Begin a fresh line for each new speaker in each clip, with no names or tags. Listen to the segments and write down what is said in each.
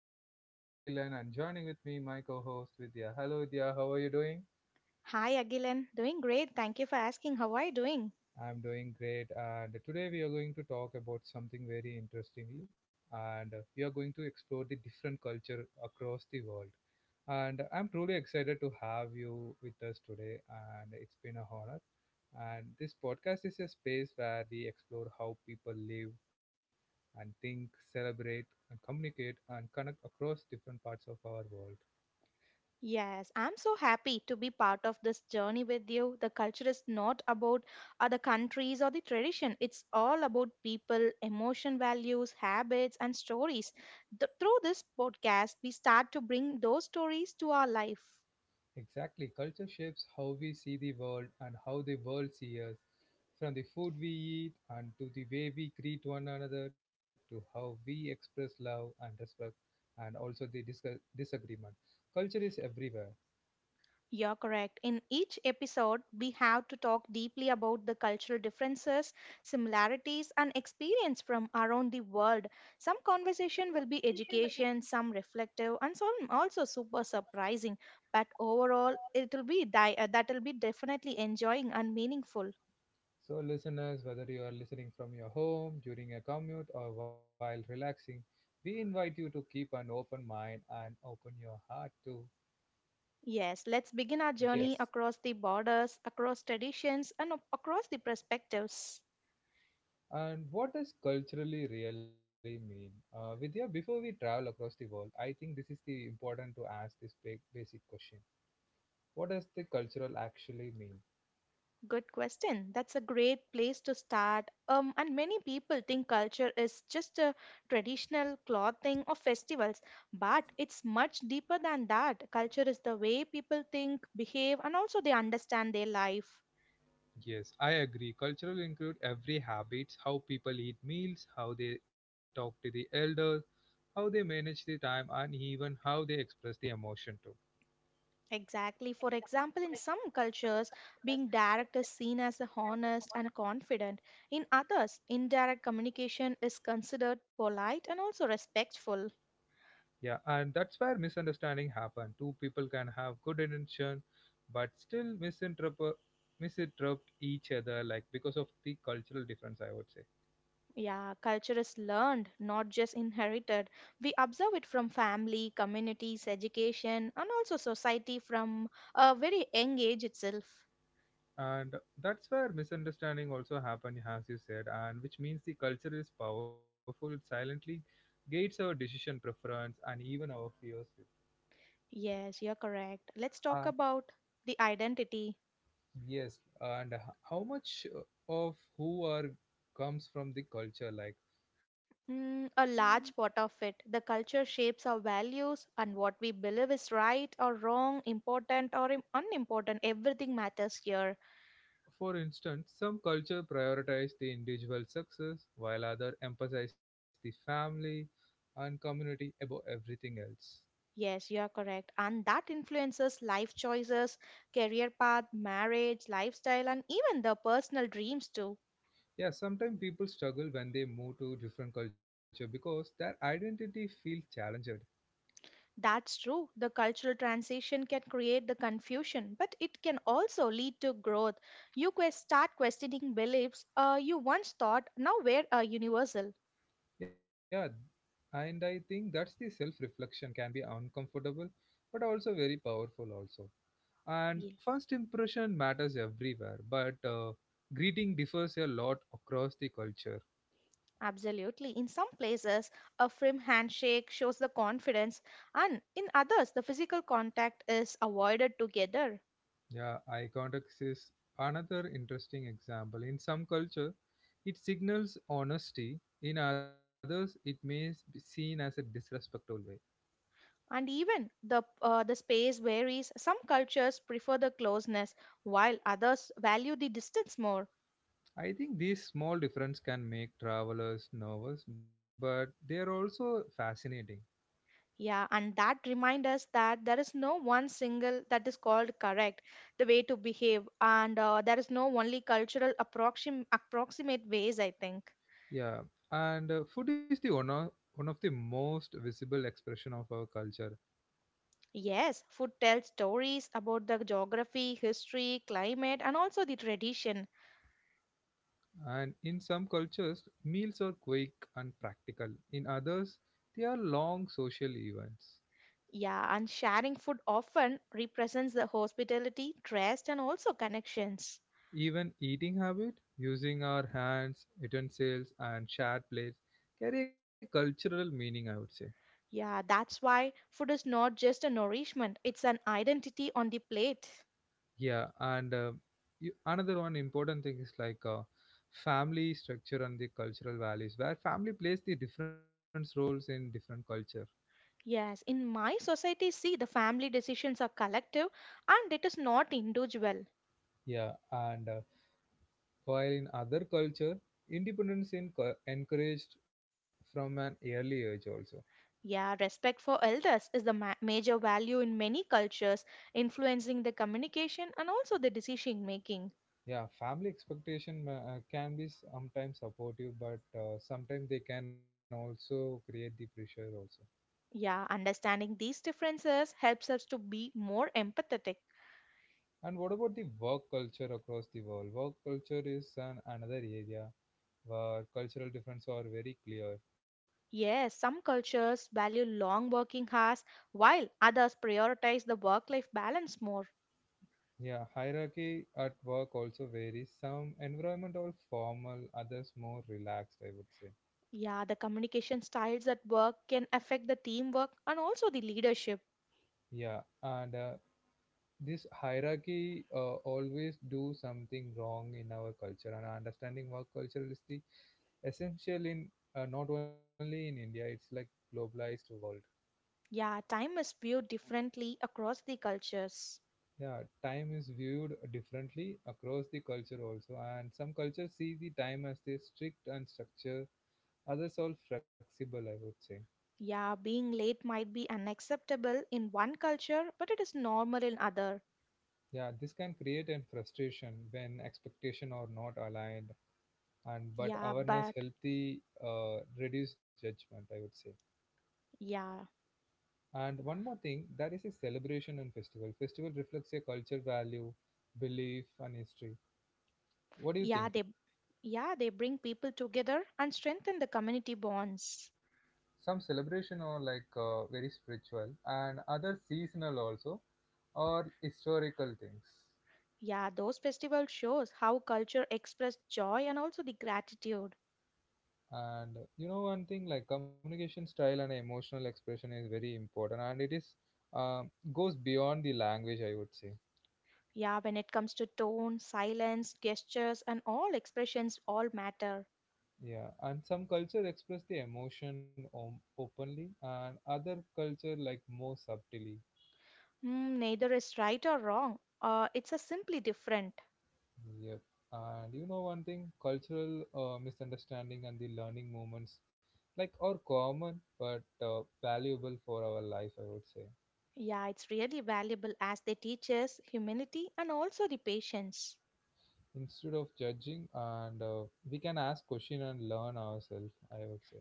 is your host Agilan and joining with me my co-host Vidya. Hello Vidya, how are you doing?
Hi, Agilan. Doing great. Thank you for asking. How are you doing?
I'm doing great and today we are going to talk about something very interestingly and we are going to explore the different culture across the world. And I'm truly excited to have you with us today and it's been a honor. And this podcast is a space where we explore how people live, and think, celebrate, and communicate and connect across different parts of our world.
Yes, I'm so happy to be part of this journey with you. The culture is not about other countries or the tradition. It's all about people, emotion values, habits, and stories. Through this podcast, we start to bring those stories to our life.
Exactly, culture shapes how we see the world and how the world sees us, from the food we eat and to the way we greet one another to how we express love and respect and also the disagreement. Culture is everywhere.
You're correct. In each episode, we have to talk deeply about the cultural differences, similarities, and experience from around the world. Some conversation will be education, some reflective, and some also super surprising. But overall, that'll be definitely enjoying and meaningful.
So, listeners, whether you are listening from your home, during a commute, or while relaxing, we invite you to keep an open mind and open your heart to
Yes, let's begin our
yes,
journey across the borders, across traditions, and across the perspectives.
and what does culturally really mean? Vidya, before we travel across the world, I think this is the important to ask this big basic question. What does the cultural actually mean?
Good question. That's a great place to start. And many people think culture is just a traditional clothing or festivals, but it's much deeper than that. Culture is the way people think, behave, and also they understand their life.
Yes, I agree. Cultural include every habits, how people eat meals, how they talk to the elders, how they manage the time, and even how they express the emotion too.
Exactly. For example, in some cultures, being direct is seen as a honest and confident. In others, indirect communication is considered polite and also respectful.
Yeah, and that's where misunderstanding happen. Two people can have good intention, but still misinterpret each other, like because of the cultural difference, I would say.
Yeah, culture is learned, not just inherited. We observe it from family, communities, education, and also society from a very young age itself.
And that's where misunderstanding also happen, as you said, and which means the culture is powerful. It silently gates our decision, preference, and even our fears too.
Yes, you're correct. Let's talk
Uh,
about the identity.
yes, and how much of who are comes from the culture, like.
Mm, a large part of it, the culture shapes our values and what we believe is right or wrong, unimportant. Everything matters here.
For instance, some cultures prioritize the individual success, while others emphasize the family and community above everything else.
Yes, you are correct. And that influences life choices, career path, marriage, lifestyle, and even the personal dreams too.
Yeah, sometimes people struggle when they move to different culture because their identity feels challenged.
That's true. The cultural transition can create the confusion, but it can also lead to growth. You quest start questioning beliefs you once thought now were universal.
Yeah, and I think that's the self-reflection can be uncomfortable, but also very powerful also, and
Yeah,
first impression matters everywhere, but greeting differs a lot across the culture.
absolutely. In some places, a firm handshake shows the confidence, and in others, the physical contact is avoided together.
Yeah, eye contact is another interesting example. In some culture, it signals honesty. In others, it may be seen as a disrespectful way.
And even the space varies. Some cultures prefer the closeness while others value the distance more.
I think these small differences can make travelers nervous, but they are also fascinating.
Yeah, and that reminds us that there is no one single that is called correct the way to behave, and there is no only approximate ways, I think.
Yeah, and food is one of the most visible expression of our culture.
Yes, food tells stories about the geography, history, climate, and also the tradition.
And in some cultures, meals are quick and practical. In others, they are long social events.
Yeah, and sharing food often represents the hospitality, trust, and also connections.
Even eating habit, using our hands, utensils, and shared plates carry a cultural meaning, I would say.
Yeah, that's why food is not just a nourishment, it's an identity on the plate.
Yeah, and another one important thing is like family structure and the cultural values, where family plays the different roles in different culture.
Yes, in my society, see, the family decisions are collective and it is not individual.
Yeah, and while in other culture, independence is encouraged from an early age also.
Yeah, respect for elders is the major value in many cultures, influencing the communication and also the decision making.
Yeah, family expectation can be sometimes supportive, but sometimes they can also create the pressure also.
Yeah, understanding these differences helps us to be more empathetic.
And what about the work culture across the world? Work culture is an, Another area where cultural differences are very clear.
Yes, some cultures value long working hours while others prioritize the work life balance more.
Yeah, hierarchy at work also varies. Some environment are formal, others more relaxed, I would say.
Yeah, the communication styles at work can affect the teamwork and also the leadership.
Yeah, and this hierarchy always do something wrong in our culture, and understanding work culture is the essential in not only in India, it's like globalized world.
Yeah, time is viewed differently across the cultures.
Yeah, time is viewed differently across the culture also, and some cultures see the time as the strict and structure, others are flexible, I would say.
Yeah, being late might be unacceptable in one culture, but it is normal in other.
Yeah, this can create an frustration when expectation are not aligned and but
Yeah,
awareness
but
help the reduce judgment, I would say.
yeah,
And one more thing, that is a celebration and festival reflects a culture value, belief and history, what do you
yeah,
think?
they yeah, they bring people together and strengthen the community bonds.
Some celebration are like very spiritual and other seasonal also, or historical things.
Yeah, those festivals shows how culture express joy and also the gratitude.
And you know one thing, like communication style and emotional expression is very important, and it is uh, goes beyond the language, I would say.
Yeah, when it comes to tone, silence, gestures, and all expressions all matter.
Yeah, and some culture express the emotion openly, and other culture like more subtly.
Hmm, neither is right or wrong. It's a simply different.
Yep. And you know one thing, cultural misunderstanding and the learning moments, like are common but valuable for our life, I would say.
Yeah, it's really valuable as they teach us humility and also the patience.
Instead of judging, and we can ask question and learn ourselves, I would say.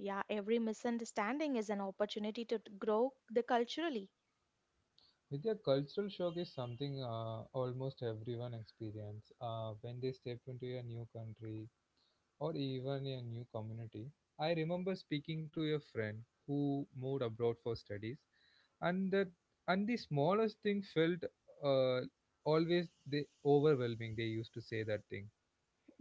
Yeah, every misunderstanding is an opportunity to grow the culturally.
Vidya, cultural shock is something almost everyone experience when they step into a new country or even a new community. I remember speaking to a friend who moved abroad for studies, and the smallest thing felt uh, always the overwhelming. They used to say that thing.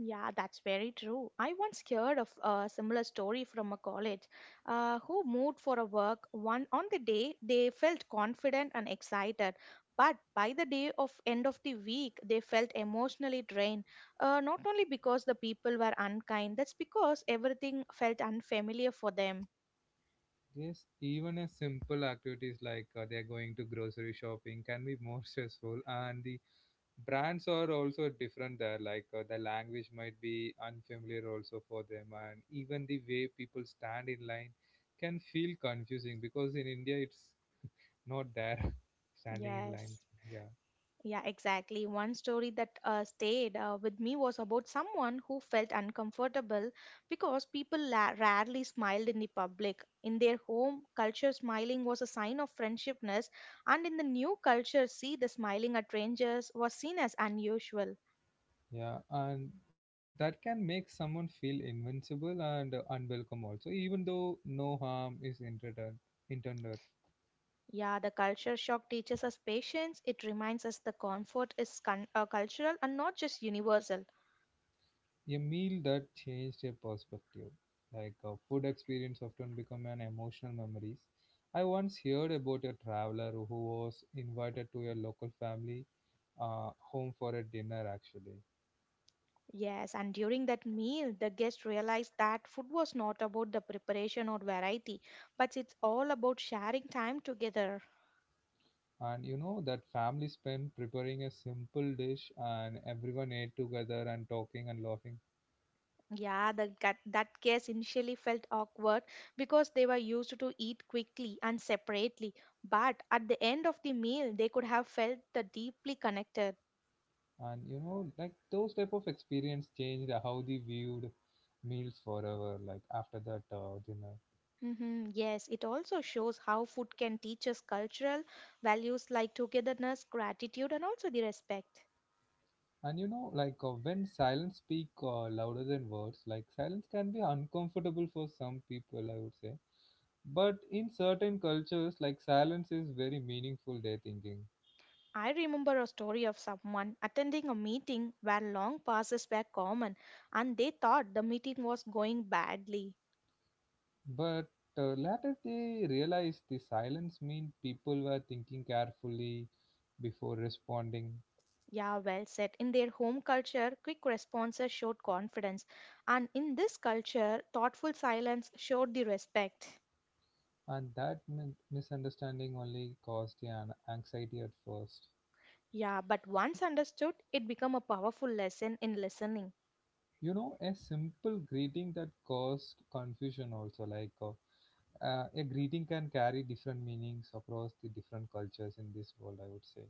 Yeah, that's very true. I once heard of a similar story from a college who moved for a work one on the day they felt confident and excited, but by the day of end of the week they felt emotionally drained. Not only because the people were unkind, that's because everything felt unfamiliar for them.
Yes, even as simple activities like they're going to grocery shopping can be more stressful, and the brands are also different there. Like the language might be unfamiliar also for them, and even the way people stand in line can feel confusing because in India it's not there standing in line.
Yes.
Yeah,
Yeah, exactly. One story that stayed with me was about someone who felt uncomfortable because people rarely smiled in the public. In their home culture, smiling was a sign of friendshipness, and in the new culture, see the smiling at strangers was seen as unusual.
yeah, and that can make someone feel invincible and unwelcome also, even though no harm is intended.
Yeah, the culture shock teaches us patience. It reminds us the comfort is cultural and not just universal.
A meal that changed a perspective, like a food experience often become an emotional memories. I once heard about a traveler who was invited to a local family home for a dinner actually.
Yes, and during that meal, the guests realized that food was not about the preparation or variety, but it's all about sharing time together.
And you know that family spent preparing a simple dish and everyone ate together and talking and laughing.
Yeah, that guest initially felt awkward because they were used to eat quickly and separately, but at the end of the meal, they could have felt the deeply connected.
And you know, like those type of experience changed how they viewed meals forever, like after that dinner.
Hmm, yes, it also shows how food can teach us cultural values like togetherness, gratitude, and also the respect.
And you know, like when silence speak louder than words, like silence can be uncomfortable for some people, I would say. But in certain cultures, like silence is very meaningful, they're thinking.
I remember a story of someone attending a meeting where long passes were common and they thought the meeting was going badly.
But later they realize the silence mean people were thinking carefully before responding,
Yeah, well said. In their home culture, quick responses showed confidence, and in this culture, thoughtful silence showed the respect.
and that misunderstanding only caused the anxiety at first.
Yeah, but once understood, it became a powerful lesson in listening.
You know, a simple greeting that caused confusion also, like. A greeting can carry different meanings across the different cultures in this world, I would say.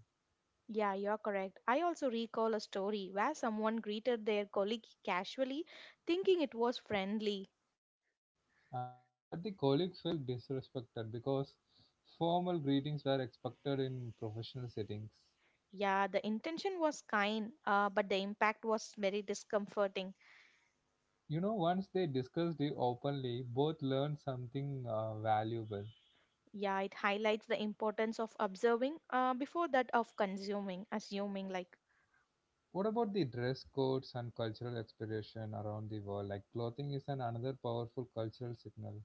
Yeah, you're correct. I also recall a story where someone greeted their colleague casually, thinking it was friendly.
And but the colleague felt disrespected because formal greetings were expected in professional settings.
Yeah, the intention was kind, but the impact was very discomforting.
You know, once they discussed it openly, both learned something valuable.
Yeah, it highlights the importance of observing before assuming like.
What about the dress codes and cultural expression around the world? Like clothing is an another powerful cultural signal.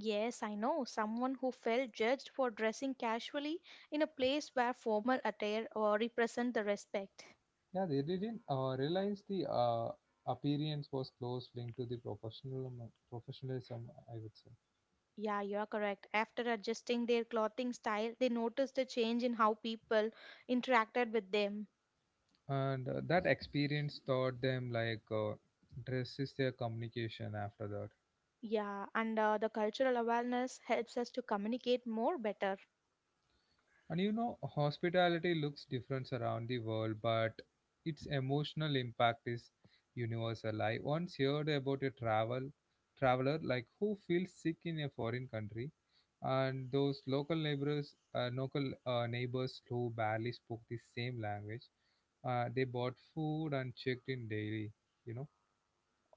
Yes, I know someone who felt judged for dressing casually in a place where formal attire or represent the respect.
Yeah, they didn't realize the appearance was close linked to the professional professionalism, I would say.
Yeah, you are correct. After adjusting their clothing style, they noticed a change in how people interacted with them.
And that experience taught them, like dress is their communication after that.
Yeah, and the cultural awareness helps us to communicate more better.
And you know, hospitality looks different around the world, but its emotional impact is universal. I once heard about a traveler like who feels sick in a foreign country, and those local neighbors who barely spoke the same language, they bought food and checked in daily. You know,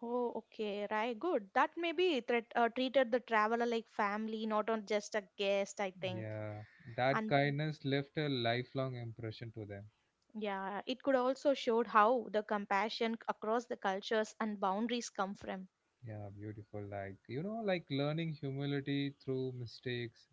Oh, okay, right, good. That may be treated the traveler like family, not on just a guest, I think.
yeah, that
And
kindness left a lifelong impression to them.
yeah, it could also showed how the compassion across the cultures and boundaries come from.
Yeah, beautiful. Like, you know, like learning humility through mistakes.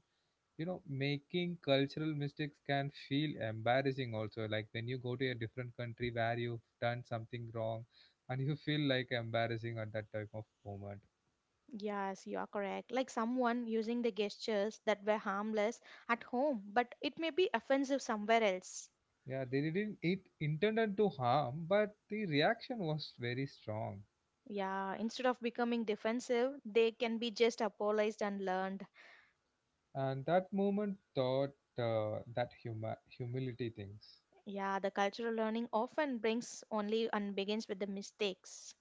You know, making cultural mistakes can feel embarrassing also. Like when you go to a different country where you've done something wrong and you feel like embarrassing at that type of moment.
Yes, you are correct. Like someone using the gestures that were harmless at home, but it may be offensive somewhere else.
Yeah, they didn't it intended to harm, but the reaction was very strong.
Yeah, instead of becoming defensive, they can be just apologized and learned.
And that moment taught that huma humility things.
Yeah, the cultural learning often brings only and begins with the mistakes.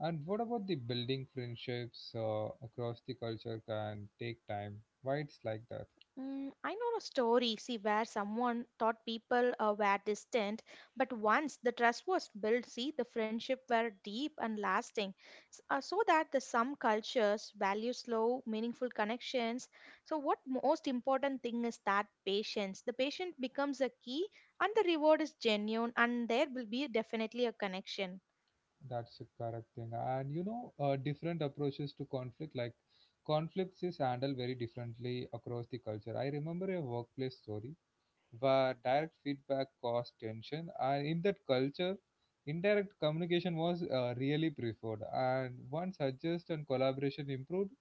And what about the building friendships across the culture can take time? Why it's like that?
Mm, I know a story, see, where someone thought people were distant, but once the trust was built, see, the friendship were deep and lasting. So that the some cultures value slow, meaningful connections. So what most important thing is that patience. The patient becomes a key, and the reward is genuine, and there will be definitely a connection.
That's a correct thing. And you know, different approaches to conflict, like conflicts is handled very differently across the culture. I remember a workplace story where direct feedback caused tension, and in that culture indirect communication was really preferred, and once adjust and collaboration improved.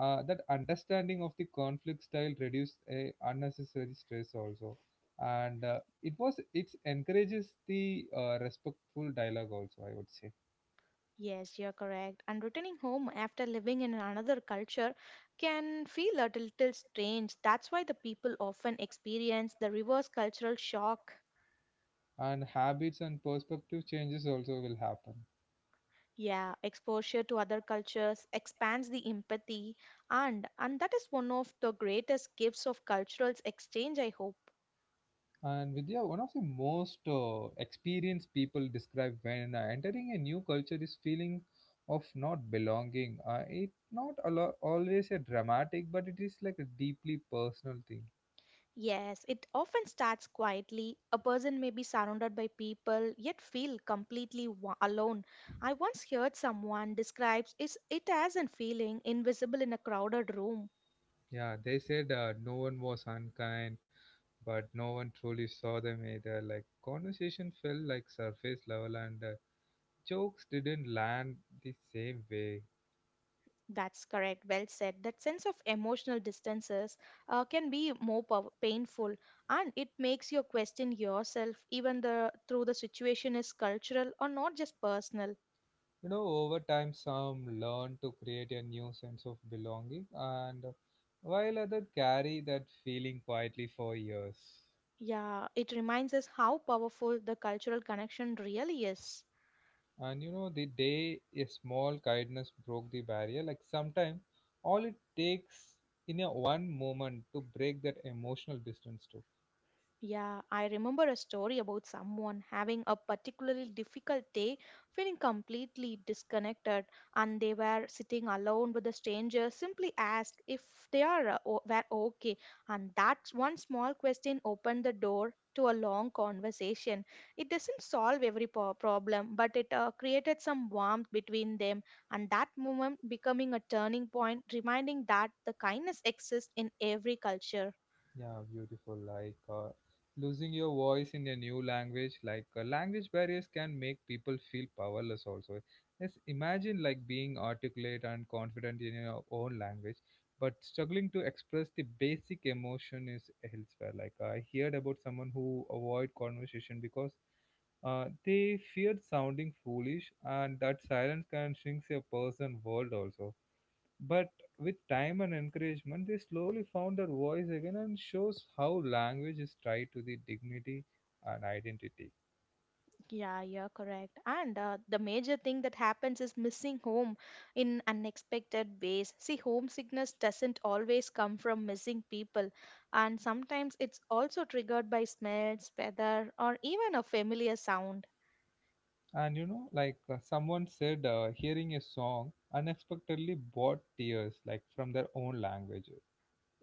That understanding of the conflict style reduced a unnecessary stress also, and it was it encourages the respectful dialogue also, I would say.
Yes, you're correct. And returning home after living in another culture can feel a little strange. That's why the people often experience the reverse cultural shock.
And habits and perspective changes also will happen.
Yeah, exposure to other cultures expands the empathy, and that is one of the greatest gifts of cultural exchange, I hope.
And Vidya, one of the most experienced people describe when entering a new culture is feeling of not belonging. It not a always a dramatic, but it is like a deeply personal thing.
Yes, it often starts quietly. A person may be surrounded by people yet feel completely alone. I once heard someone describes is it as a feeling invisible in a crowded room.
Yeah, they said no one was unkind, but no one truly saw them either. Like conversation felt like surface level, and jokes didn't land the same way.
That's correct. Well said. That sense of emotional distances can be more painful, and it makes you question yourself, even the through the situation is cultural or not just personal.
You know, over time, some learn to create a new sense of belonging, and while others carry that feeling quietly for years.
Yeah, it reminds us how powerful the cultural connection really is.
And you know, the day a small kindness broke the barrier, like sometimes all it takes in a one moment to break that emotional distance too.
Yeah, I remember a story about someone having a particularly difficult day, feeling completely disconnected, and they were sitting alone with a stranger. Simply asked if they are were okay, and that one small question opened the door to a long conversation. It doesn't solve every problem, but it created some warmth between them, and that moment becoming a turning point, reminding that the kindness exists in every culture.
Yeah, beautiful. Like losing your voice in a new language, like language barriers can make people feel powerless also. Yes, imagine like being articulate and confident in your own language, but struggling to express the basic emotion is elsewhere. Like I heard about someone who avoid conversation because they feared sounding foolish, and that silence can shrink a person world also. But with time and encouragement, they slowly found their voice again and shows how language is tied to the dignity and identity.
Yeah, you're correct. And the major thing that happens is missing home in unexpected ways. See, homesickness doesn't always come from missing people, and sometimes it's also triggered by smells, weather, or even a familiar sound.
And you know, someone said, hearing a song unexpectedly brought tears, like from their own language.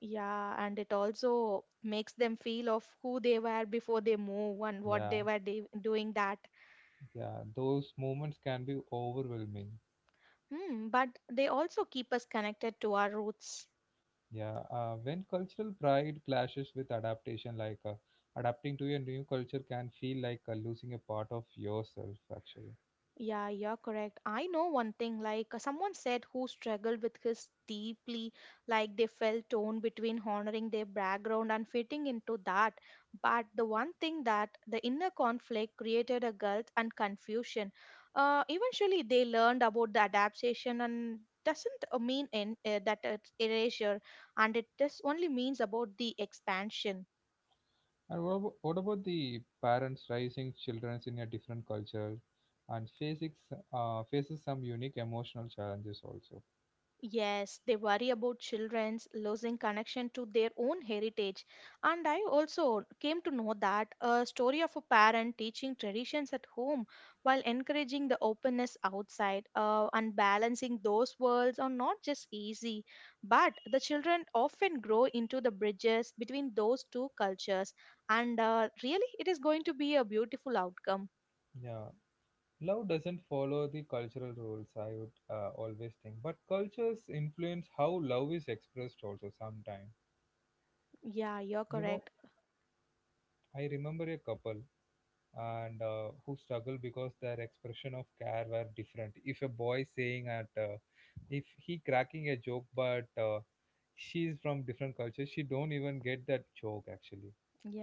Yeah, and it also makes them feel of who they were before they move and what
Yeah,
they were doing that.
yeah, those moments can be overwhelming.
Hmm, but they also keep us connected to our roots.
Yeah, when cultural pride clashes with adaptation, adapting to a new culture can feel losing a part of yourself, actually.
Yeah, you're correct. I know one thing, like someone said who struggled with his deeply, like they felt torn between honoring their background and fitting into that. But the one thing that the inner conflict created a guilt and confusion. Eventually, they learned about the adaptation and doesn't mean that it's erasure, and it just only means about the expansion.
And what about the parents raising children in a different culture and facing faces some unique emotional challenges also?
Yes, they worry about children's losing connection to their own heritage. And I also came to know that a story of a parent teaching traditions at home while encouraging the openness outside and balancing those worlds are not just easy, but the children often grow into the bridges between those two cultures. And really, it is going to be a beautiful outcome.
Yeah, love doesn't follow the cultural rules. I would always think, but cultures influence how love is expressed also. Sometimes,
Yeah, you're
you know,
correct.
I remember a couple. And who struggle because their expression of care were different. If a boy saying at if he cracking a joke, but she's from different culture, she don't even get that joke actually.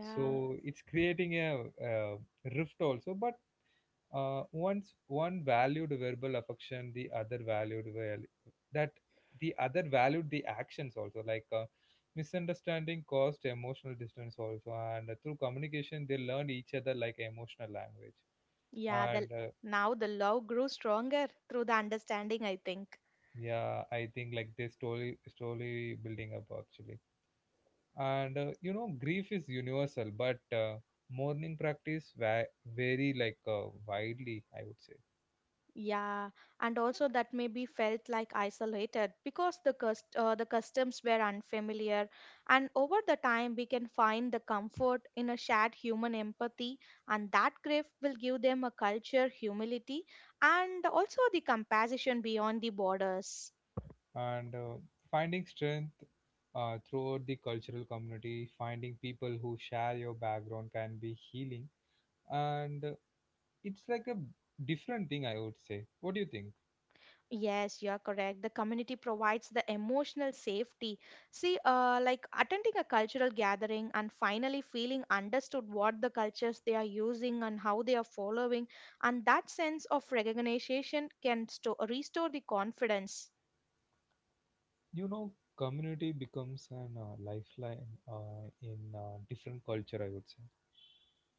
So it's creating a rift also, but once one valued verbal affection the other valued well that the other valued the actions also misunderstanding caused emotional distance also, and through communication they learned each other like emotional language.
Yeah, the
And
now the love grew stronger through the understanding, I think.
yeah, I think like this slowly slowly building up actually. And you know, grief is universal but mourning practice vary widely, I would say.
Yeah, and also that maybe felt like isolated because the cust the customs were unfamiliar, and over the time we can find the comfort in a shared human empathy, and that grief will give them a culture, humility, and also the compassion beyond the borders.
And finding strength throughout the cultural community, finding people who share your background can be healing. And it's like a different thing, I would say. What do you think?
Yes, you are correct. The community provides the emotional safety. See, like attending a cultural gathering and finally feeling understood what the cultures they are using and how they are following, and that sense of recognition can restore the confidence.
You know, community becomes an lifeline in different culture, I would say.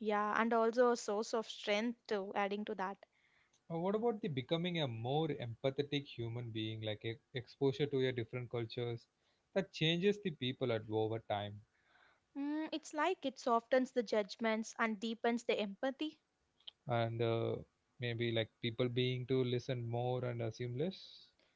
Yeah, and also a source of strength too, adding to that.
What about the becoming a more empathetic human being like exposure to a different cultures that changes the people at over time.
Mm, it's like it softens the judgments and deepens the empathy.
And maybe like people being to listen more and assume less.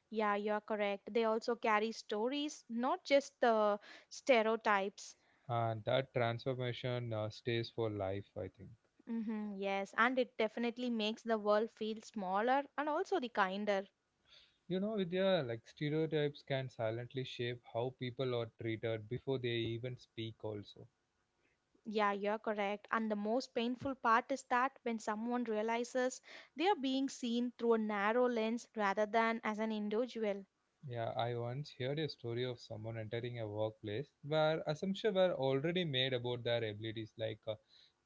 Yeah, you are correct. They also carry stories, not just the stereotypes.
And that transformation stays for life, I think.
Mm-hmm, yes, and it definitely makes the world feel smaller and also the kinder.
You know, Vidya, like stereotypes can silently shape how people are treated before they even speak also.
Yeah, you're correct. And the most painful part is that when someone realizes they are being seen through a narrow lens rather than as an individual.
Yeah, I once heard a story of someone entering a workplace where assumptions were already made about their abilities.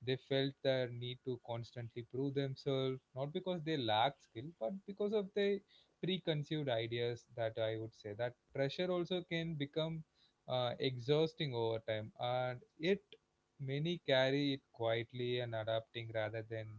They felt their need to constantly prove themselves, not because they lacked skill, but because of the preconceived ideas that I would say. That pressure also can become exhausting over time, and it many carry it quietly and adapting rather than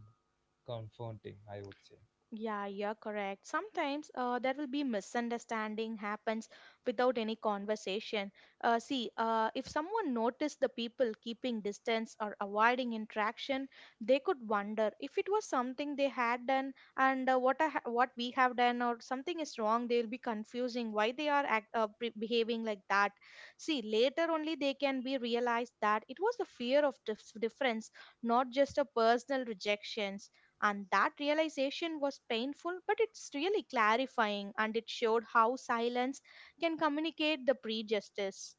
confronting. I would say.
Yeah, you're correct. Sometimes there will be misunderstanding happens without any conversation. See, if someone noticed the people keeping distance or avoiding interaction, they could wonder if it was something they had done and what we have done or something is wrong. They will be confusing why they are behaving like that. See, later only they can be realized that it was a fear of difference, not just a personal rejection. And that realization was painful, but it's really clarifying and it showed how silence can communicate the prejudice.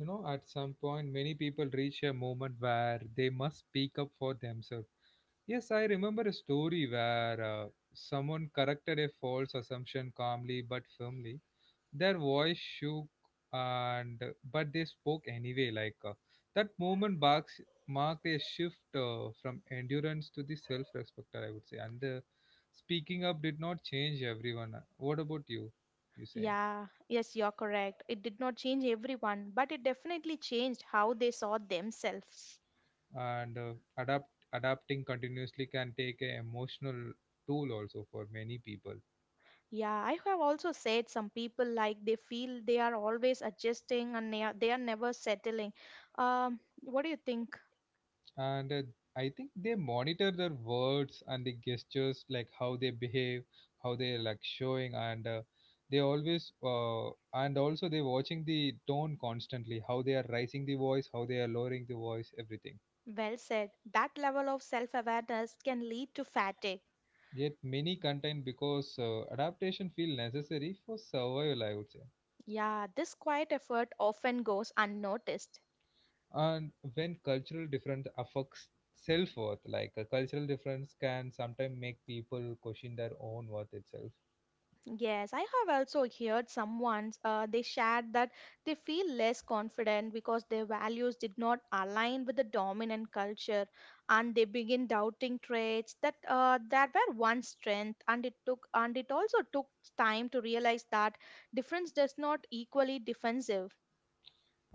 You know, at some point, many people reach a moment where they must speak up for themselves. Yes, I remember a story where someone corrected a false assumption calmly but firmly. Their voice shook, and but they spoke anyway. That moment marks marked a shift from endurance to the self-respecter, I would say. And the speaking up did not change everyone. What about you? You saying?
Yeah, yes, you're correct. It did not change everyone, but it definitely changed how they saw themselves.
And adapting continuously can take an emotional tool also for many people.
Yeah, I have also said some people like they feel they are always adjusting and they are never settling. What do you think?
And I think they monitor their words and the gestures, like how they behave, how they like showing. And they always and also they watching the tone constantly, how they are raising the voice, how they are lowering the voice, everything.
Well said. That level of self awareness can lead to fatigue.
Yet many contain because adaptation feel necessary for survival, I would say.
Yeah, this quiet effort often goes unnoticed.
And when cultural difference affects self-worth, like a cultural difference can sometimes make people question their own worth itself.
Yes, I have also heard someone they shared that they feel less confident because their values did not align with the dominant culture, and they begin doubting traits that that were once strength. And it also took time to realize that difference does not equally defensive.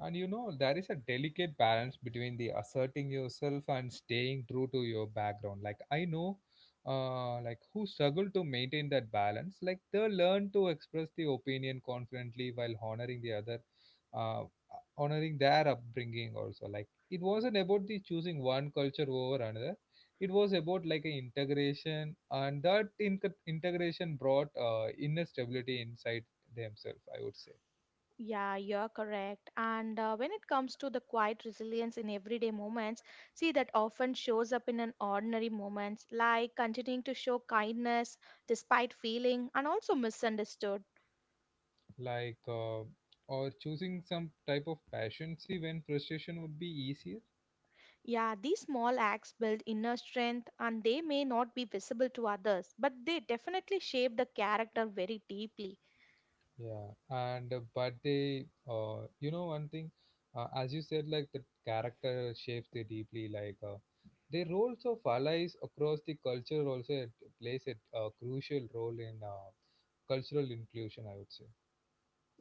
And you know, there is a delicate balance between the asserting yourself and staying true to your background. Like, I know, like, who struggle to maintain that balance. Like, they learn to express the opinion confidently while honoring the other, uh, honoring their upbringing also. Like, it wasn't about the choosing one culture over another. It was about like an integration, and that integration brought inner stability inside themselves, I would say.
Yeah, you're correct. And when it comes to the quiet resilience in everyday moments, see that often shows up in an ordinary moments, like continuing to show kindness despite feeling and also misunderstood.
like uh, or choosing some type of passion, see, when frustration would be easier.
Yeah, these small acts build inner strength and they may not be visible to others, but they definitely shape the character very deeply.
Yeah, and but they you know, one thing, as you said, like the character shapes they deeply, the roles of allies across the culture also, it plays a crucial role in cultural inclusion, I would say.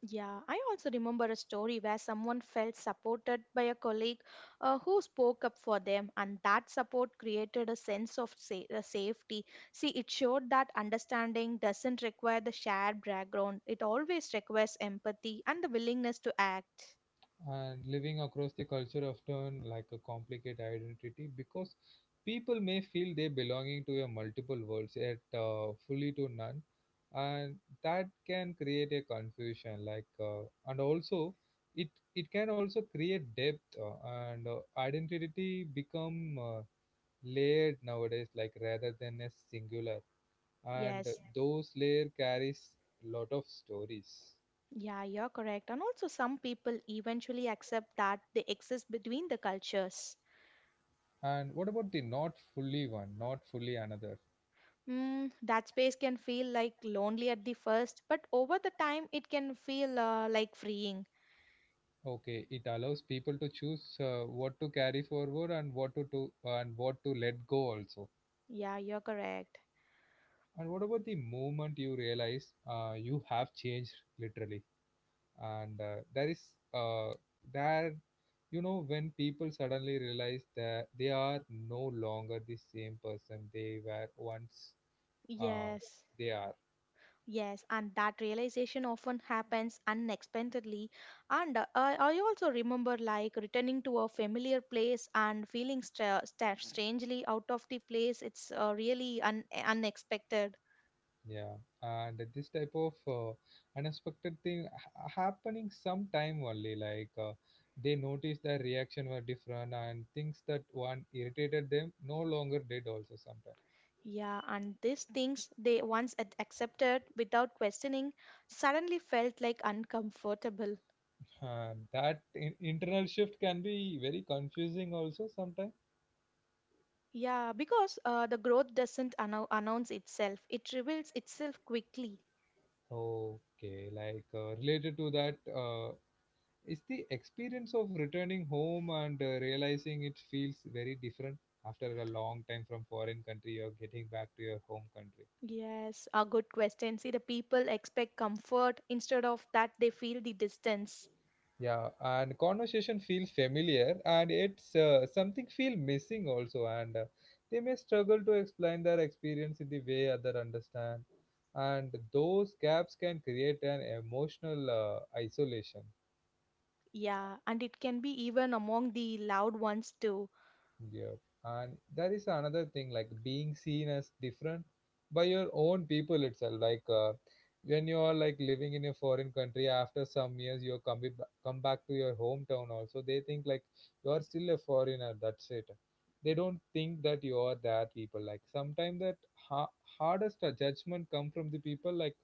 Yeah, I also remember a story where someone felt supported by a colleague who spoke up for them, and that support created a sense of safety. See, it showed that understanding doesn't require the shared background, it always requires empathy and the willingness to act.
And living across the culture often like a complicated identity, because people may feel they belonging to a multiple worlds yet fully to none. And that can create a confusion, and also it it can also create depth and identity become layered nowadays, like rather than a singular. And
Yes.
those layer carries lot of stories.
Yeah, you're correct. And also, some people eventually accept that they exist between the cultures.
And what about the not fully one, not fully another?
Mm, that space can feel like lonely at the first, but over the time it can feel like freeing.
Okay, it allows people to choose what to carry forward and what to do and what to let go also.
Yeah, you're correct.
And what about the moment you realize you have changed literally? And uh, there, you know, when people suddenly realize that they are no longer the same person they were once. Uh,
Yes.
they are.
Yes, and that realization often happens unexpectedly. And I also remember like returning to a familiar place and feeling stra- sta strangely out of the place. It's really unexpected.
Yeah, and this type of unexpected thing happening sometime only, they noticed their reaction were different and things that one irritated them no longer did also sometimes.
Yeah, and these things they once had accepted without questioning suddenly felt like uncomfortable.
And that internal shift can be very confusing also sometimes.
Yeah, because the growth doesn't announce itself, it reveals itself quickly.
Okay, related to that, is the experience of returning home and realizing it feels very different after a long time from foreign country or getting back to your home country.
Yes, a good question. See, the people expect comfort instead of that they feel the distance.
Yeah, and conversation feels familiar, and it's something feel missing also, and they may struggle to explain their experience in the way other understand, and those gaps can create an emotional isolation.
Yeah, and it can be even among the loud ones too.
Yeah. And that is another thing like being seen as different by your own people itself. When you are like living in a foreign country, after some years you come back to your hometown. Also, they think like you are still a foreigner. That's it. They don't think that you are that people. Like sometimes hardest judgment come from the people like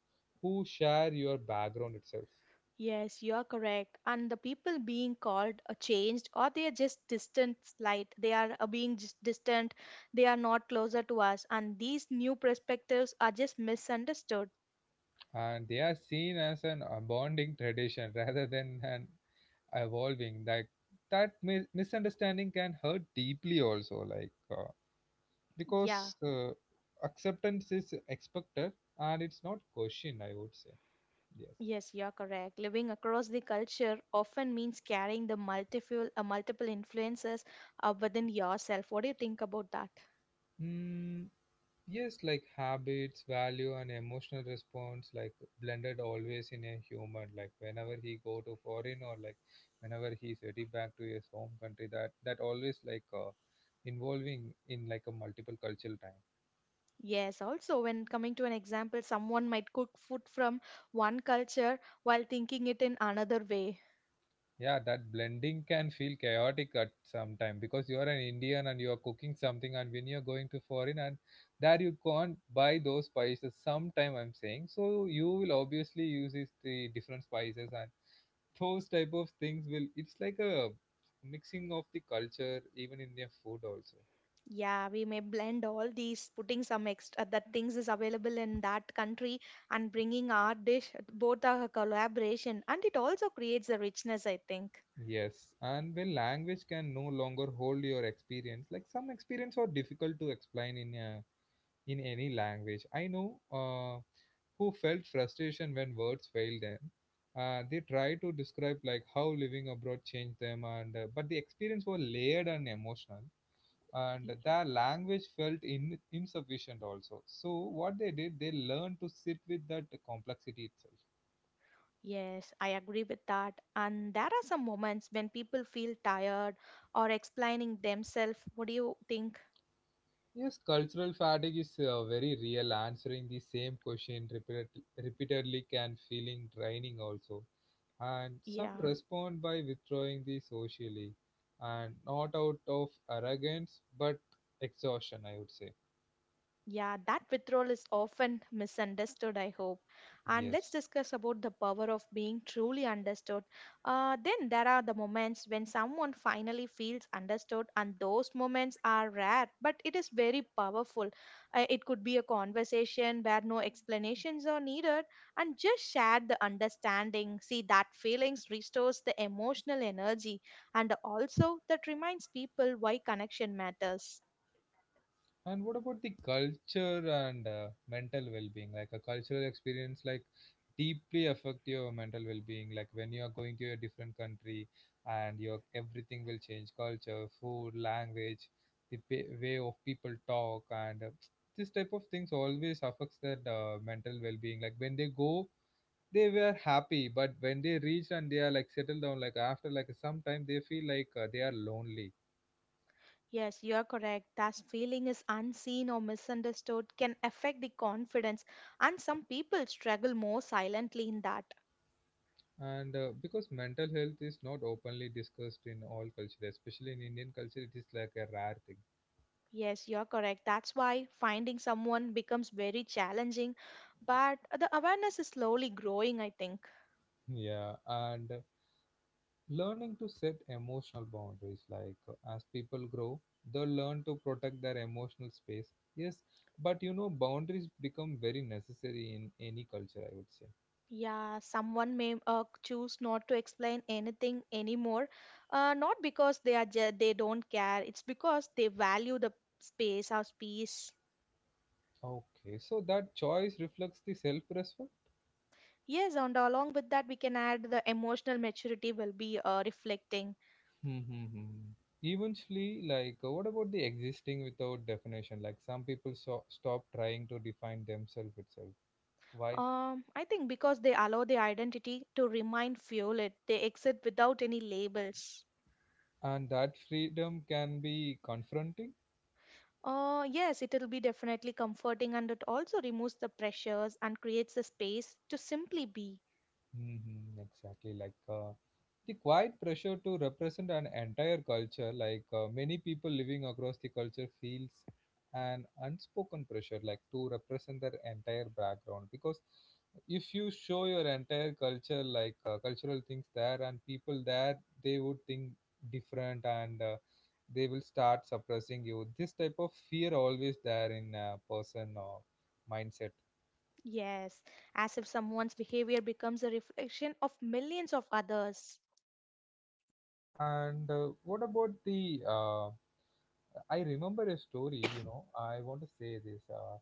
who share your background itself,
Yes, you are correct. And the people being called changed or they are just distant slight. They are being just distant. They are not closer to us. And these new perspectives are just misunderstood.
and they are seen as an bonding tradition rather than an evolving that misunderstanding can hurt deeply also
Yeah.
because acceptance is expected and it's not questioned, I would say. Yes.
Yes, you're correct. Living across the culture often means carrying the multiple influences within yourself. What do you think about that?
Mm, yes, like habits value and emotional response like blended always in a human, like whenever he go to foreign or like whenever he's ready back to his home country, that always involving in like a multiple cultural time.
Yes, also when coming to an example, someone might cook food from one culture while thinking it in another way.
Yeah, that blending can feel chaotic at some time because you are an Indian and you are cooking something, and when you're going to foreign and there you can't buy those spices. Sometime I'm saying, so you will obviously use is the different spices and those type of things will. It's like a mixing of the culture even in their food also.
Yeah, we may blend all these, putting some extra that things is available in that country and bringing our dish, both are a collaboration, and it also creates a richness, I think.
Yes, and when language can no longer hold your experience, like some experience are difficult to explain in a, in any language. I know. Who felt frustration when words failed them. They tried to describe like how living abroad changed them, and but the experience was layered and emotional, and their language felt in, insufficient also. So what they did, they learned to sit with that complexity itself.
Yes, I agree with that. And there are some moments when people feel tired or explaining themselves. What do you think?
Yes, cultural fatigue is very real. Answering the same question repeatedly can feeling draining also. And some
Yeah.
respond by withdrawing the socially and not out of arrogance but exhaustion, I would say.
Yeah, that withdrawal is often misunderstood, I hope. And let's
Yes.
discuss about the power of being truly understood. Then there are the moments when someone finally feels understood, and those moments are rare, but it is very powerful. It could be a conversation where no explanations are needed, and just share the understanding. See, that feelings restores the emotional energy, and also that reminds people why connection matters.
And what about the culture and mental well-being? Like a cultural experience, like deeply affect your mental well-being. Like when you are going to a different country, and your everything will change: culture, food, language, the pa way of people talk, and this type of things always affects their mental well-being. Like when they go, they were happy, but when they reach and they are like settled down, like after like some time, they feel they are lonely.
Yes, you are correct. That feeling is unseen or misunderstood can affect the confidence, and some people struggle more silently in that.
And because mental health is not openly discussed in all culture, especially in Indian culture, it is like a rare thing.
Yes, you are correct. That's why finding someone becomes very challenging, but the awareness is slowly growing, I think.
Yeah, and learning to set emotional boundaries, as people grow they learn to protect their emotional space, yes. But you know, boundaries become very necessary in any culture, I would say.
Yeah, someone may choose not to explain anything anymore, not because they are they don't care. It's because they value the space, our space.
Okay, so that choice reflects the self respect.
Yes, and along with that, we can add the emotional maturity will be reflecting.
Mm-hmm. Eventually, like, what about the existing without definition? Like, some people stop trying to define themselves itself. Why?
I think because they allow the identity to remain fueled, they exit without any labels.
And that freedom can be confronting.
Yes, it will be definitely comforting, and it also removes the pressures and creates the space to simply be.
Hmm, exactly. The quiet pressure to represent an entire culture, many people living across the culture feels an unspoken pressure, like to represent their entire background. Because if you show your entire culture, cultural things there, and people there, they would think different and they will start suppressing you. This type of fear always there in a person or mindset.
Yes, as if someone's behavior becomes a reflection of millions of others.
And what about the I remember a story. I want to say this. Uh,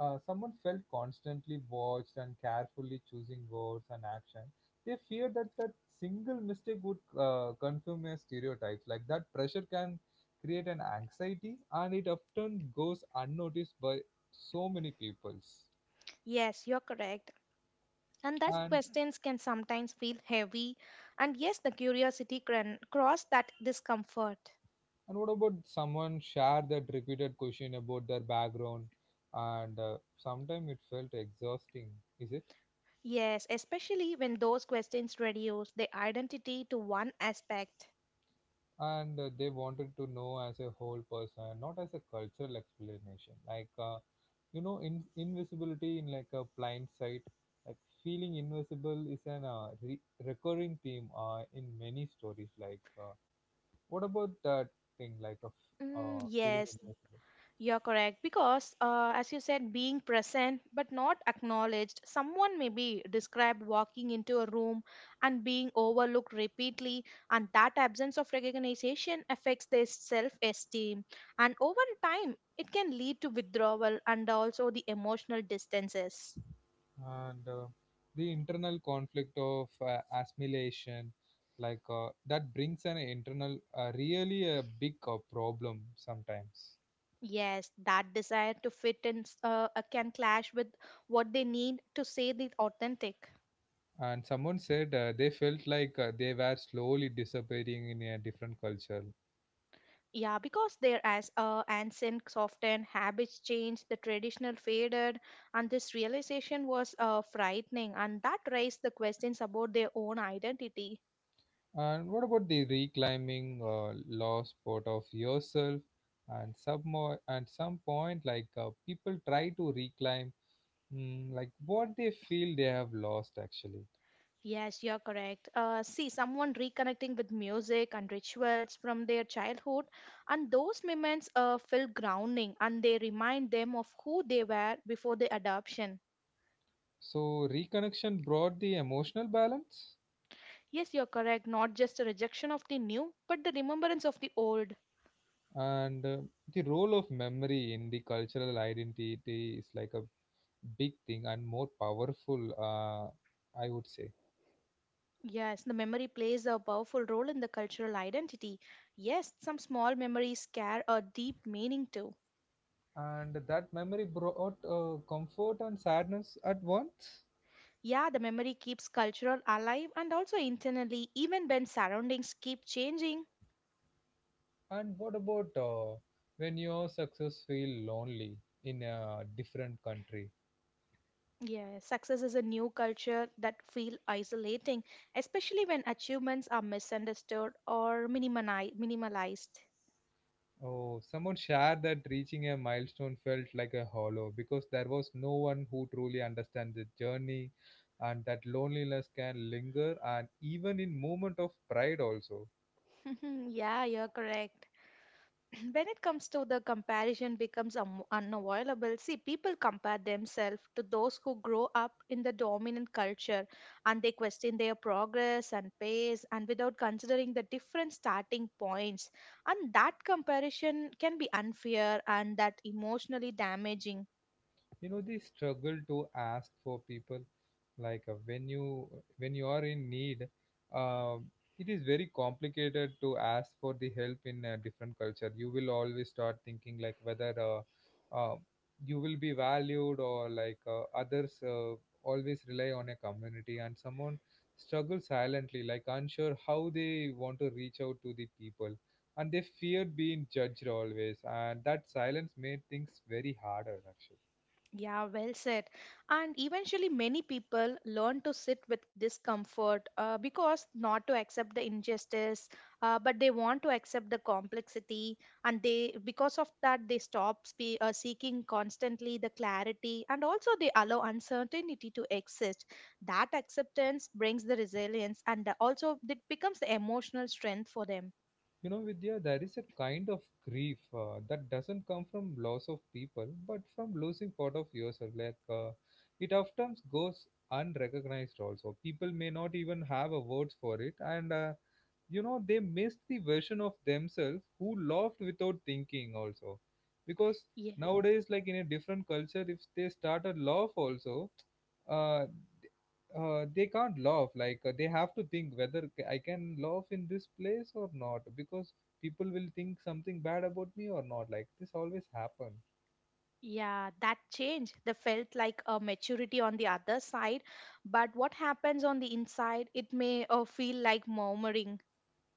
uh, Someone felt constantly watched and carefully choosing words and action. They feared that single mistake would confirm a stereotypes. Like that pressure can create an anxiety and it often goes unnoticed by so many peoples.
Yes, you're correct. And that
And
questions can sometimes feel heavy. And yes, the curiosity can cross that discomfort.
and what about someone share that repeated question about their background and sometimes it felt exhausting, is it?
Yes, especially when those questions reduce their identity to one aspect.
And they wanted to know as a whole person not as a cultural explanation like you know in invisibility in like a blind sight like feeling invisible is an recurring theme in many stories like what about that thing like of
Mm,
feeling
yes,
invisible.
you're correct because, as you said, being present but not acknowledged, someone may be described walking into a room and being overlooked repeatedly, and that absence of recognition affects their self esteem. And over time, it can lead to withdrawal and also the emotional distances.
And the internal conflict of assimilation like that brings an internal really a big problem sometimes.
Yes, that desire to fit in can clash with what they need to say the authentic.
And someone said they felt like they were slowly disappearing in a different culture.
Yeah, because their as ancient often habits changed, the traditional faded, and this realization was frightening, and that raised the questions about their own identity.
And what about the reclaiming lost part of yourself? And some more, at some point, like people try to reclaim like what they feel they have lost actually.
Yes, you're correct. See, someone reconnecting with music and rituals from their childhood, and those moments feel grounding, and they remind them of who they were before the adoption.
So reconnection brought the emotional balance.
Yes, you're correct. Not just a rejection of the new, but the remembrance of the old.
And the role of memory in the cultural identity is like a big thing and more powerful. I would say.
Yes, the memory plays a powerful role in the cultural identity. Yes, some small memories carry a deep meaning too.
And that memory brought comfort and sadness at once.
Yeah, the memory keeps cultural alive and also internally, even when surroundings keep changing.
And what about when your success feel lonely in a different country?
Yeah, success is a new culture that feel isolating, especially when achievements are misunderstood or minimalized.
Oh, someone shared that reaching a milestone felt like a hollow because there was no one who truly understands the journey, and that loneliness can linger and even in moment of pride also.
Yeah, you're correct. When it comes to the comparison becomes unavoidable, see people compare themselves to those who grow up in the dominant culture and they question their progress and pace and without considering the different starting points, and that comparison can be unfair and that emotionally damaging.
You know, the struggle to ask for people like when you are in need, um, it is very complicated to ask for the help in a different culture. You will always start thinking like whether uh, you will be valued or like others always rely on a community and someone struggles silently like unsure how they want to reach out to the people, and they fear being judged always, and that silence made things very harder actually.
Yeah, well said. And eventually, many people learn to sit with discomfort because not to accept the injustice, but they want to accept the complexity. And they, because of that, they stop seeking constantly the clarity and also they allow uncertainty to exist. That acceptance brings the resilience and also it becomes the emotional strength for them.
You know, Vidya, there is a kind of grief that doesn't come from loss of people, but from losing part of yourself. Like it often goes unrecognized. Also, people may not even have a words for it, and you know they missed the version of themselves who laughed without thinking also, because
Yeah,
nowadays like in a different culture, if they start a laugh also, uh, they can't laugh like they have to think whether I can laugh in this place or not because people will think something bad about me or not, like this always happen.
yeah, that change. They felt like a maturity on the other side, but what happens on the inside, it may feel like murmuring.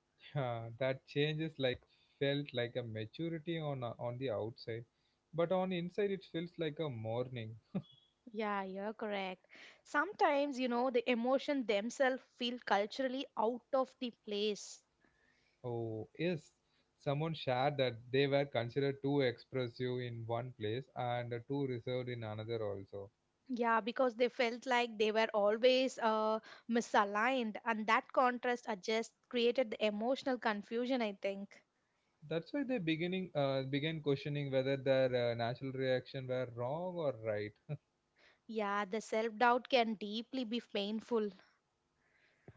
Yeah, that changes like felt like a maturity on on the outside, but on inside it feels like a mourning.
Yeah, you're correct. Sometimes, you know, the emotion themselves feel culturally out of the place.
Oh, yes. Someone shared that they were considered too expressive in one place and too reserved in another also.
Yeah, because they felt like they were always misaligned, and that contrast just created the emotional confusion, I think.
That's why they beginning began questioning whether their natural reaction were wrong or right.
Yeah, the self doubt can deeply be painful.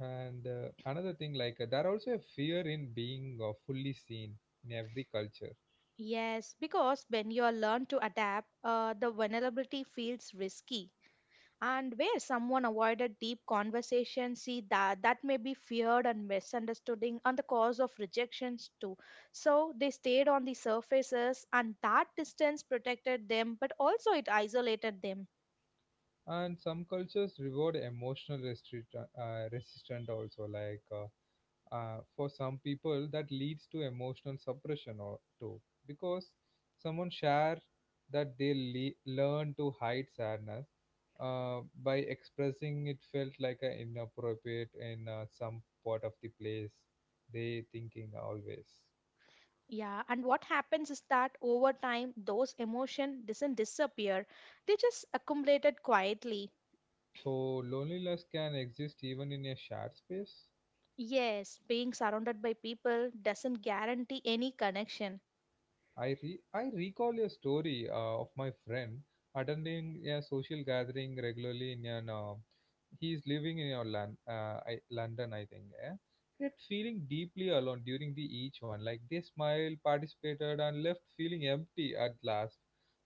And another thing, like there also a fear in being fully seen in every culture.
Yes, because when you are learn to adapt, the vulnerability feels risky. And where someone avoided deep conversation, see that that may be feared and misunderstanding and the cause of rejections too, so they stayed on the surfaces and that distance protected them but also it isolated them.
And some cultures reward emotional resistant also, like. For some people that leads to emotional suppression or too, because someone share that they learn to hide sadness by expressing it felt like a inappropriate in some part of the place. They thinking always,
Yeah, and what happens is that over time those emotion doesn't disappear, they just accumulated quietly.
so loneliness can exist even in a shared space.
Yes, being surrounded by people doesn't guarantee any connection.
I recall a story of my friend attending a social gathering regularly in an he is living in your land, London, I think. Eh? Yet feeling deeply alone during the each one. Like they smiled, participated, and left feeling empty at last.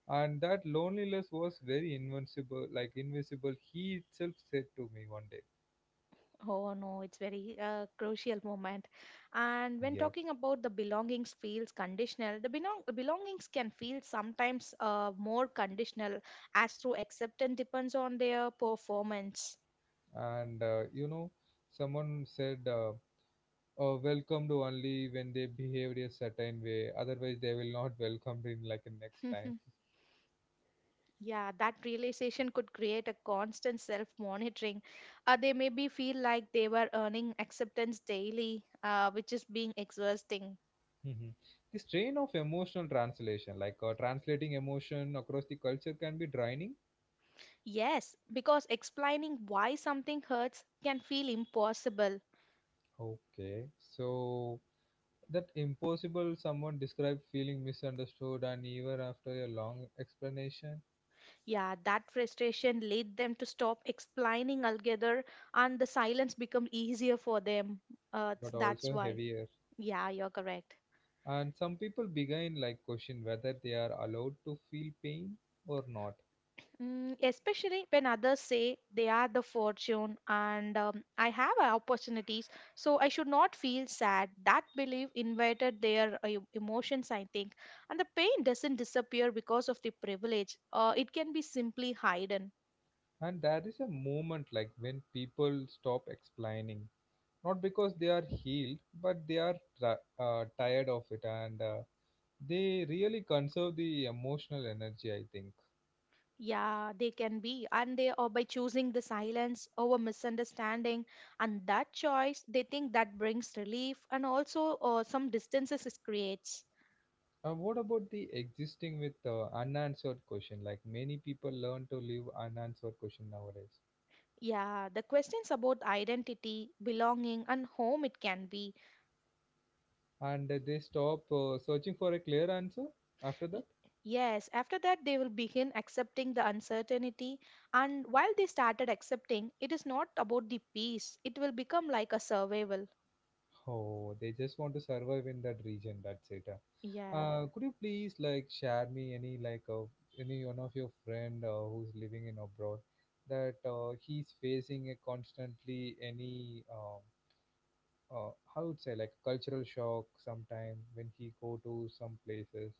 And that loneliness was very invincible, like invisible. He itself said to me one day.
Oh no, it's very crucial moment. And when
Yeah.
talking about the belongings feels conditional, the belongings can feel sometimes more conditional as through acceptance depends on their performance.
And you know, someone said. Welcomed only when they behaved a certain way, otherwise they will not welcome in like a next time.
Yeah, that realization could create a constant self-monitoring. They maybe feel like they were earning acceptance daily, which is being exhausting.
Mhm. The strain of emotional translation, like translating emotion across the culture can be draining.
Yes, because explaining why something hurts can feel impossible.
Okay, so that impossible someone described feeling misunderstood and even after a long explanation,
Yeah, that frustration led them to stop explaining altogether, and the silence become easier for them.
but
That's
also
why.
heavier.
Yeah, you're correct.
And some people begin like question whether they are allowed to feel pain or not.
Mm, especially when others say they are the fortune and I have opportunities, so I should not feel sad. That belief invited their emotions, I think. And the pain doesn't disappear because of the privilege, it can be simply hidden.
And there is a moment like when people stop explaining, not because they are healed, but they are tired of it, and they really conserve the emotional energy, I think.
Yeah, they can be, and they are by choosing the silence over misunderstanding, and that choice they think that brings relief and also some distances it creates.
What about the existing with unanswered question? Like many people learn to live unanswered question nowadays,
Yeah, the questions about identity, belonging, and home it can be.
and they stop searching for a clear answer after that.
Y- Yes, after that they will begin accepting the uncertainty, and while they started accepting, it is not about the peace, it will become like a survival.
Oh, they just want to survive in that region. That's it.
Yeah.
Could you please like share me any like any one of your friend who's living in abroad, that he's facing a constantly any uh, how would say like cultural shock sometime when he go to some places.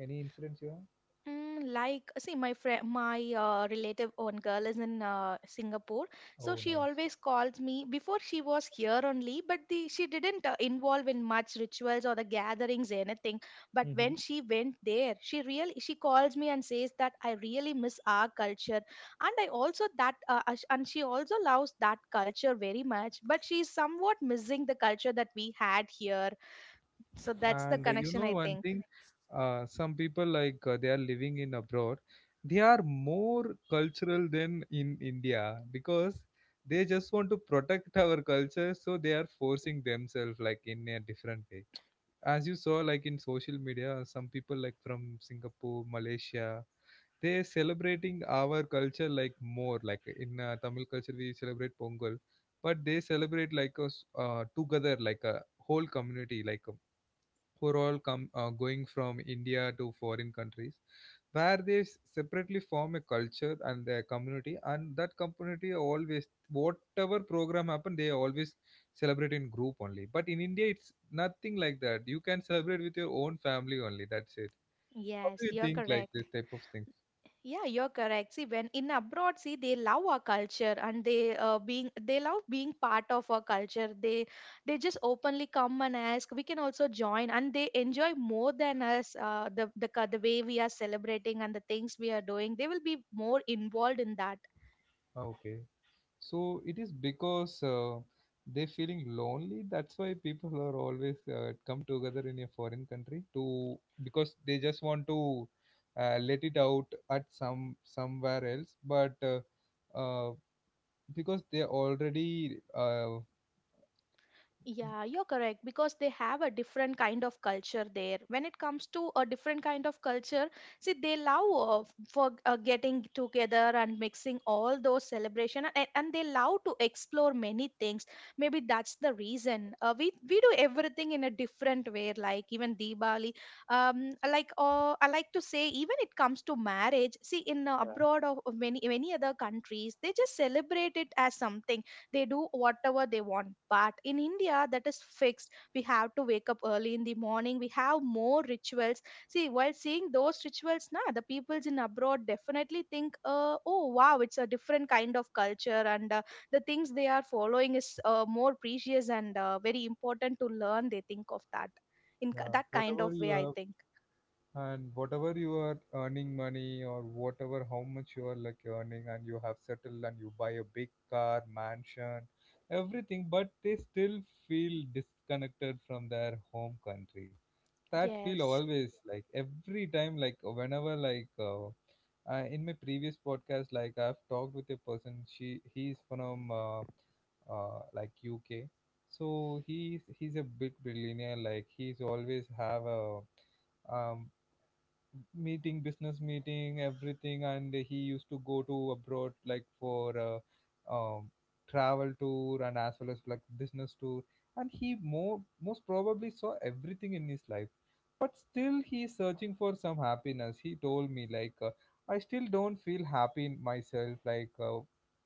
Any incidents you have?
Mm, like, see, my friend, my relative, one girl is in Singapore, so
Oh,
she
nice.
always calls me. Before she was here only, but the she didn't involve in much rituals or the gatherings, anything. But when she went there, she calls me and says that I really miss our culture, and I also that sh- and she also loves that culture very much. But she's somewhat missing the culture that we had here. So that's the
And you
connection,
know,
I
one
think.
thing, some people like they are living in abroad, they are more cultural than in India because they just want to protect our culture, so they are forcing themselves like in a different way. As you saw like in social media, some people like from Singapore, Malaysia, they celebrating our culture like more. Like in Tamil culture we celebrate Pongal, but they celebrate like us together like a whole community, like who are all come going from India to foreign countries, where they separately form a culture and their community, and that community always whatever program happen, they always celebrate in group only. But in India, it's nothing like that. You can celebrate with your own family only. That's it. How
Yes,
do you
you're
think like
correct.
this type of thing?
Yeah, you're correct. See, when in abroad, see, they love our culture and they love being part of our culture. They just openly come and ask. We can also join, and they enjoy more than us. The way we are celebrating and the things we are doing, they will be more involved in that.
Okay. So it is because they feeling lonely. That's why people are always come together in a foreign country, to because they just want to let it out at some somewhere else. But uh, because they already
Yeah, you're correct because they have a different kind of culture there. When it comes to a different kind of culture, see, they love for getting together and mixing all those celebration, and they love to explore many things. Maybe that's the reason. We do everything in a different way, like even Diwali. I like to say, even it comes to marriage. See, in abroad or many many other countries, they just celebrate it as something they do whatever they want, but in India that is fixed. We have to wake up early in the morning. We have more rituals. See, while seeing those rituals na, the peoples in abroad definitely think, oh wow, it's a different kind of culture, and the things they are following is more precious and very important to learn. They think of that in
yeah,
that kind
whatever
of
you
way, I
have
think.
and whatever you are earning money or whatever, how much you are like earning and you have settled and you buy a big car, mansion, everything, but they still feel disconnected from their home country. That feel
Yes.
always like every time like whenever like in my previous podcast like I've talked with a person. She He's from like UK, so he's a big billionaire. Like he's always have a um, meeting, business meeting, everything, and he used to go to abroad like for travel tour and as well as like business tour, and he more most probably saw everything in his life, but still he's searching for some happiness. He told me like I still don't feel happy in myself. Like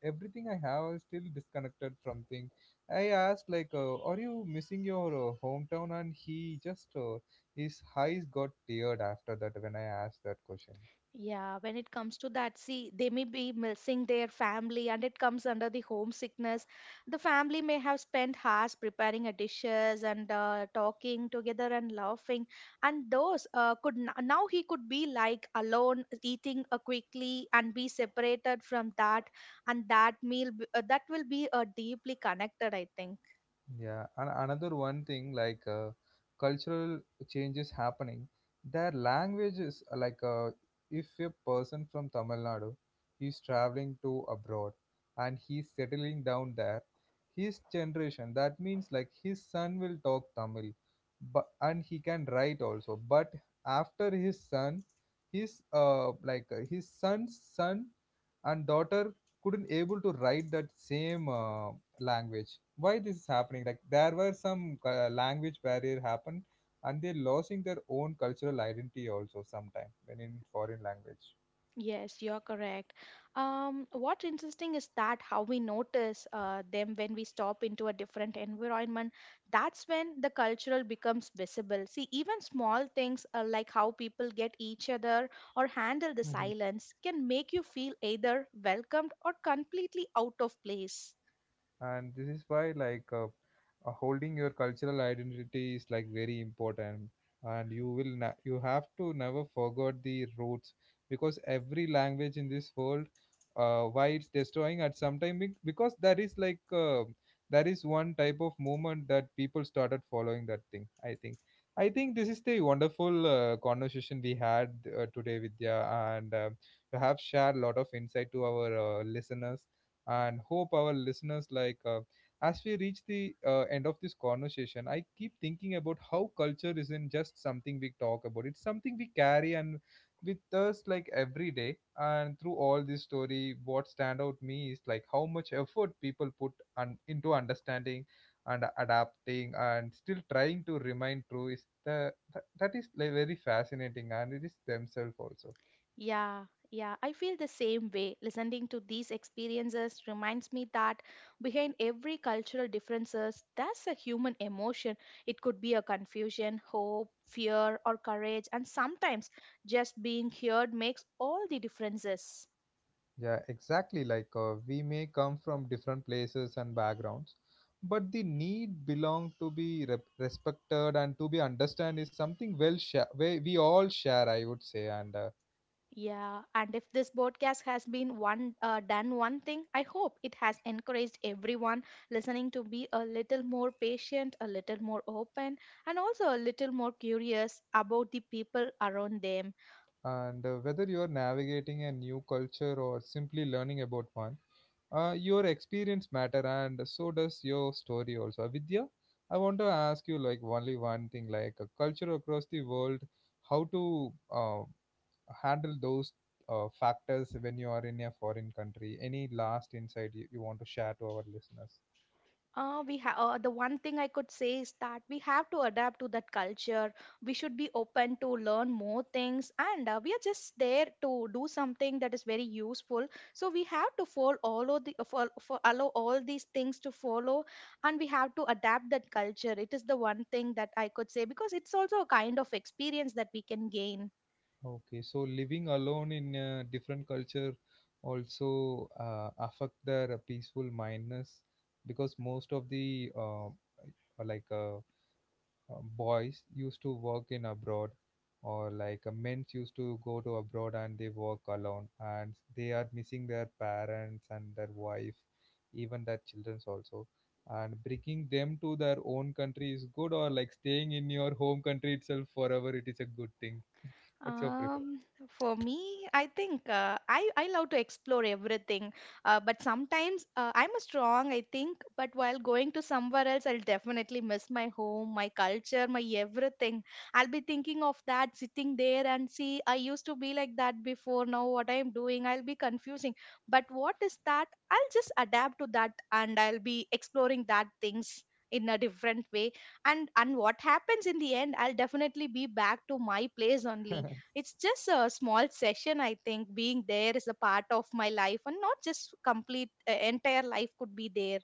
everything I have is still disconnected from things. I asked like are you missing your hometown, and he just his eyes got teared after that when I asked that question.
Yeah, when it comes to that, see, they may be missing their family and it comes under the homesickness. The family may have spent hours preparing a dishes and talking together and laughing. And those now he could be like alone, eating quickly and be separated from that. And that meal, that will be deeply connected, I think.
Yeah, and another one thing like cultural changes happening. Their language is if a person from Tamil Nadu, he's traveling to abroad and he's settling down there, his generation, that means like his son will talk Tamil, but and he can write also. But after his son, his his son's son and daughter couldn't able to write that same language. Why this is happening? Like there were some language barrier happened, and they're losing their own cultural identity also sometime when in foreign language.
Yes, you're correct. What's interesting is that how we notice them when we stop into a different environment. That's when the cultural becomes visible. See, even small things like how people get each other or handle the silence can make you feel either welcomed or completely out of place.
And this is why like holding your cultural identity is like very important, and you have to never forget the roots, because every language in this world, why it's destroying at some time, because that is like that is one type of movement that people started following that thing, I think. I think this is the wonderful conversation we had today, Vidya, and you have shared a lot of insight to our listeners, and hope our listeners like as we reach the end of this conversation, I keep thinking about how culture isn't just something we talk about, it's something we carry and with us like every day, and through all this story what stand out me is like how much effort people put into understanding and adapting and still trying to remain true is the, that is like very fascinating, and it is themselves also.
Yeah, yeah, I feel the same way. Listening to these experiences reminds me that behind every cultural differences, there's a human emotion. It could be a confusion, hope, fear, or courage, and sometimes just being heard makes all the differences.
Yeah, exactly. Like we may come from different places and backgrounds, but the need belong to be respected and to be understand is something well share we all share, I would say. And
Yeah, and if this podcast has been one done one thing, I hope it has encouraged everyone listening to be a little more patient, a little more open, and also a little more curious about the people around them.
whether you're navigating a new culture or simply learning about one, your experience matter, and so does your story also. Vidya, I want to ask you like only one thing. Like a culture across the world, how to handle those factors when you are in a foreign country? Any last insight you want to share to our listeners?
We have The one thing I could say is that we have to adapt to that culture. We should be open to learn more things, and we are just there to do something that is very useful. So we have to follow all of the allow all these things to follow, and we have to adapt that culture. It is the one thing that I could say because it's also a kind of experience that we can gain.
Okay, so living alone in a different culture also affect their peaceful mindness, because most of the boys used to work in abroad, or like men used to go to abroad and they work alone, and they are missing their parents and their wife, even their childrens also, and bringing them to their own country is good, or like staying in your home country itself forever, it is a good thing. What's your preference?
Um, for me, I think I love to explore everything, but sometimes I'm a strong, I think, but while going to somewhere else, I'll definitely miss my home, my culture, my everything. I'll be thinking of that, sitting there, and see, I used to be like that before. Now what I'm doing, I'll be confusing. But what is that? I'll just adapt to that, and I'll be exploring that things in a different way, and what happens in the end, I'll definitely be back to my place only. It's just a small session, I think. Being there is a part of my life and not just complete entire life could be there.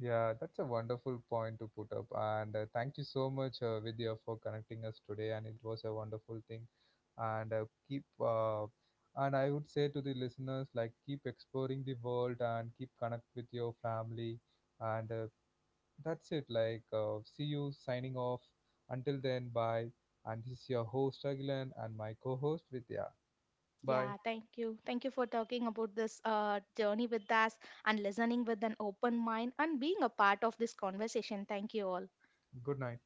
Yeah, that's a wonderful point to put up. And thank you so much, Vidya, for connecting us today. And it was a wonderful thing. And And I would say to the listeners, like, keep exploring the world and keep connect with your family. And that's it. Like, see you signing off. Until then, bye. And this is your host, Agilan, and my co host, Vidya. Bye.
Yeah, thank you, thank you for talking about this journey with us and listening with an open mind and being a part of this conversation. Thank you all.
Good night.